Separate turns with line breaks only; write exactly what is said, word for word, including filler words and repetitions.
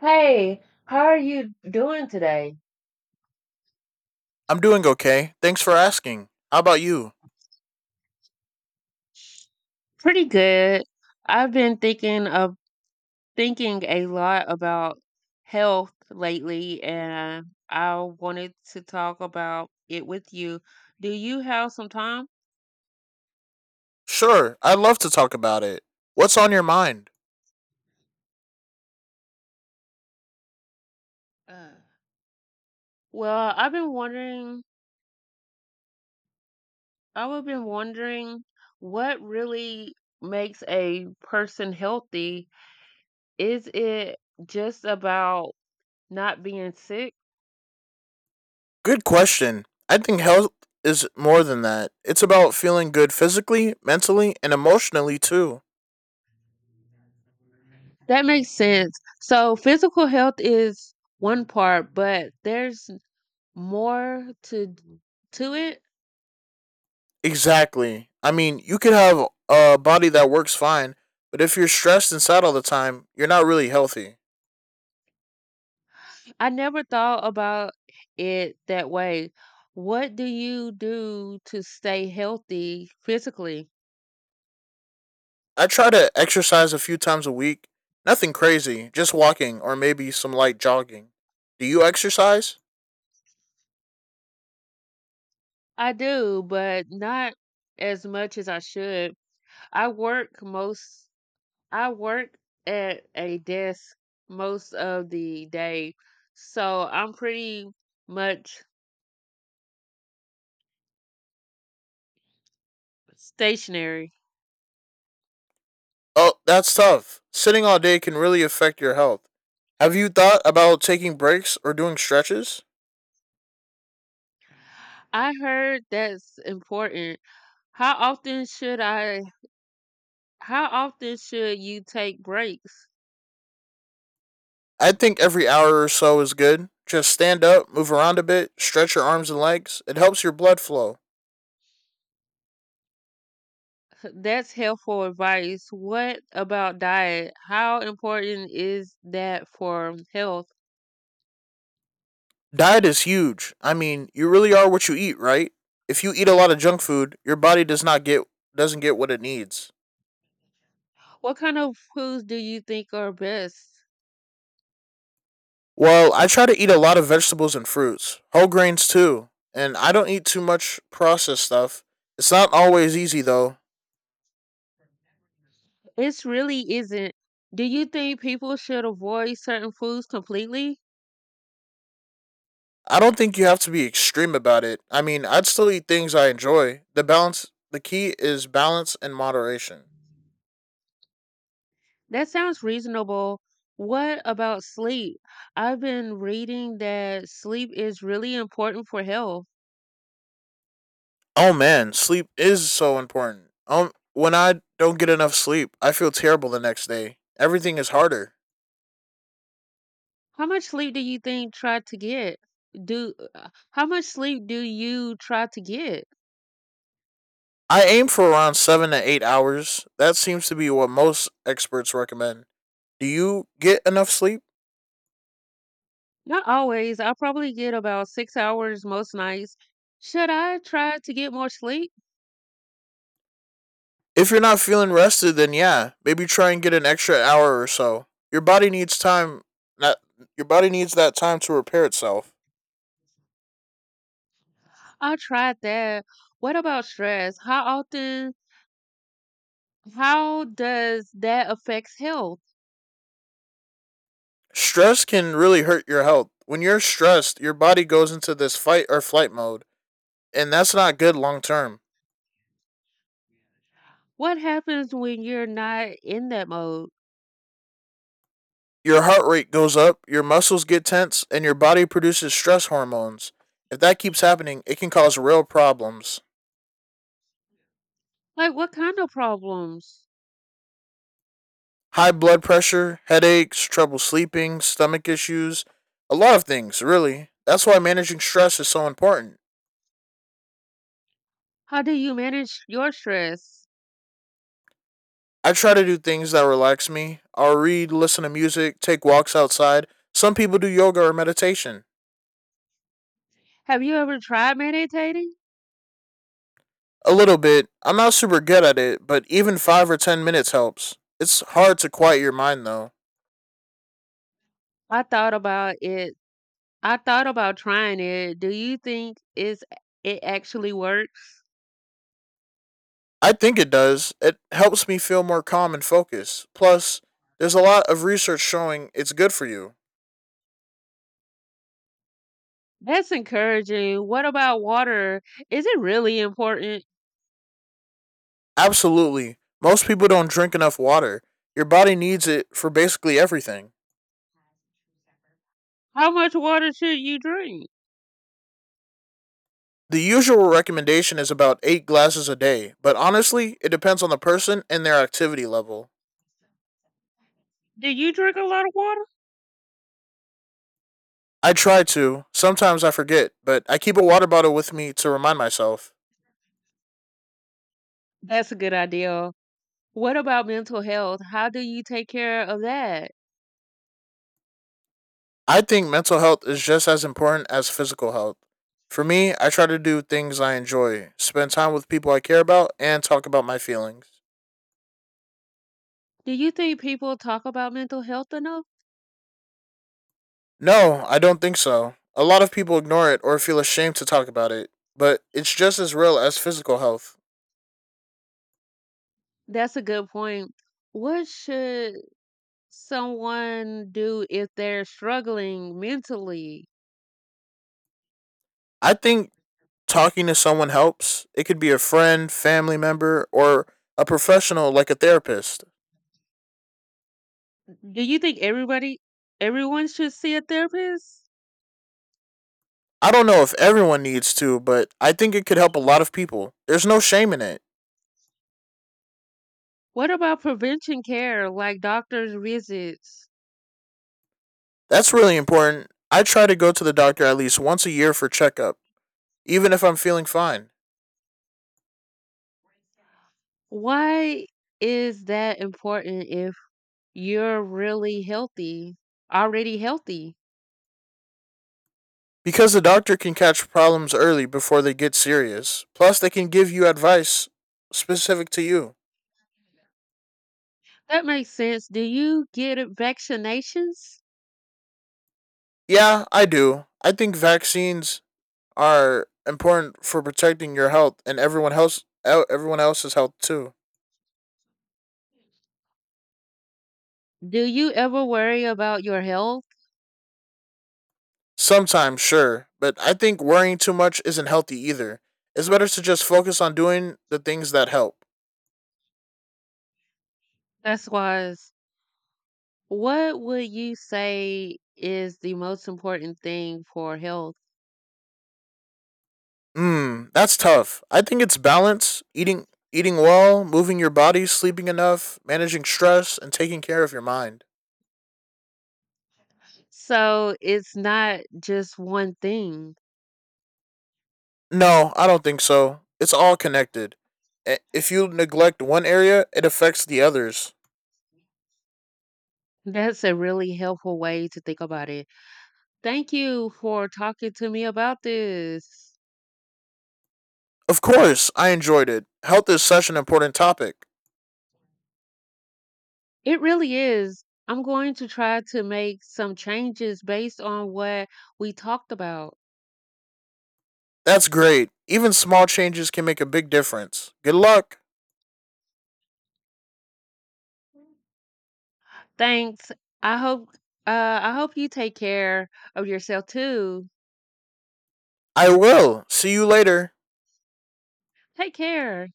Hey, how are you doing today?
I'm doing okay. Thanks for asking. How about you?
Pretty good. I've been thinking of thinking a lot about health lately, and I wanted to talk about it with you. Do you have some time?
Sure, I'd love to talk about it. What's on your mind?
Uh, Well, I've been wondering, I've been wondering what really makes a person healthy? Is it just about not being sick?
Good question. I think health is more than that. It's about feeling good physically, mentally, and emotionally too.
That makes sense. So physical health is one part, but there's more to to it.
Exactly. I mean, you could have a body that works fine, but if you're stressed and sad all the time, you're not really healthy.
I never thought about it that way. What do you do to stay healthy physically?
I try to exercise a few times a week. Nothing crazy, just walking or maybe some light jogging. Do you exercise?
I do, but not as much as I should. I work most I work at a desk most of the day, so I'm pretty much stationary.
Oh, that's tough. Sitting all day can really affect your health. Have you thought about taking breaks or doing stretches?
I heard that's important. How often should I how often should you take breaks?
I think every hour or so is good. Just stand up, move around a bit, stretch your arms and legs. It helps your blood flow.
That's helpful advice. What about diet? How important is that for um, health?
Diet is huge. I mean, you really are what you eat, right? If you eat a lot of junk food, your body does not get doesn't get what it needs.
What kind of foods do you think are best?
Well, I try to eat a lot of vegetables and fruits, whole grains too, and I don't eat too much processed stuff. It's not always easy though.
It really isn't. Do you think people should avoid certain foods completely?
I don't think you have to be extreme about it. I mean, I'd still eat things I enjoy. The balance, the key is balance and moderation.
That sounds reasonable. What about sleep? I've been reading that sleep is really important for health.
Oh man, sleep is so important. Um, when I don't get enough sleep, I feel terrible the next day. Everything is harder.
How much sleep do you think try to get? Do uh, How much sleep do you try to get?
I aim for around seven to eight hours. That seems to be what most experts recommend. Do you get enough sleep?
Not always. I probably get about six hours most nights. Should I try to get more sleep?
If you're not feeling rested, then yeah, maybe try and get an extra hour or so. Your body needs time. Not Your body needs that time to repair itself.
I tried that. What about stress? How often? How does that affects health?
stress can really hurt your health. When you're stressed, your body goes into this fight or flight mode, and that's not good long term.
What happens when you're not in that mode?
Your heart rate goes up, your muscles get tense, and your body produces stress hormones. If that keeps happening, it can cause real problems.
Like, what kind of problems?
High blood pressure, headaches, trouble sleeping, stomach issues, a lot of things, really. That's why managing stress is so important.
How do you manage your stress?
I try to do things that relax me. I'll read, listen to music, take walks outside. Some people do yoga or meditation.
Have you ever tried meditating?
A little bit. I'm not super good at it, but even five or ten minutes helps. It's hard to quiet your mind though.
I thought about it I thought about trying it. Do you think is it actually works?
I think it does. It helps me feel more calm and focused. Plus, there's a lot of research showing it's good for you.
That's encouraging. What about water? Is it really important?
Absolutely. Most people don't drink enough water. Your body needs it for basically everything.
How much water should you drink?
The usual recommendation is about eight glasses a day, but honestly, it depends on the person and their activity level.
Do you drink a lot of water?
I try to. Sometimes I forget, but I keep a water bottle with me to remind myself.
That's a good idea. What about mental health? How do you take care of that?
I think mental health is just as important as physical health. For me, I try to do things I enjoy, spend time with people I care about, and talk about my feelings.
Do you think people talk about mental health enough?
No, I don't think so. A lot of people ignore it or feel ashamed to talk about it, but it's just as real as physical health.
That's a good point. What should someone do if they're struggling mentally?
I think talking to someone helps. It could be a friend, family member, or a professional like a therapist.
Do you think everybody, everyone should see a therapist?
I don't know if everyone needs to, but I think it could help a lot of people. There's no shame in it.
What about prevention care like doctor's visits?
That's really important. I try to go to the doctor at least once a year for checkup, even if I'm feeling fine.
Why is that important if you're really healthy, already healthy?
Because the doctor can catch problems early before they get serious. Plus, they can give you advice specific to you.
That makes sense. Do you get vaccinations?
Yeah, I do. I think vaccines are important for protecting your health and everyone else e, everyone else's health too.
Do you ever worry about your health?
Sometimes, sure, but I think worrying too much isn't healthy either. It's better to just focus on doing the things that help.
That's wise. What would you say is the most important thing for health?
Mm, that's tough. I think it's balance, eating eating well, moving your body, sleeping enough, managing stress, and taking care of your mind.
So it's not just one thing.
No, I don't think so. It's all connected. I- If you neglect one area, it affects the others.
That's a really helpful way to think about it. Thank you for talking to me about this.
Of course, I enjoyed it. Health is such an important topic.
It really is. I'm going to try to make some changes based on what we talked about.
That's great. Even small changes can make a big difference. Good luck.
Thanks. I hope uh I hope you take care of yourself too.
I will. See you later.
Take care.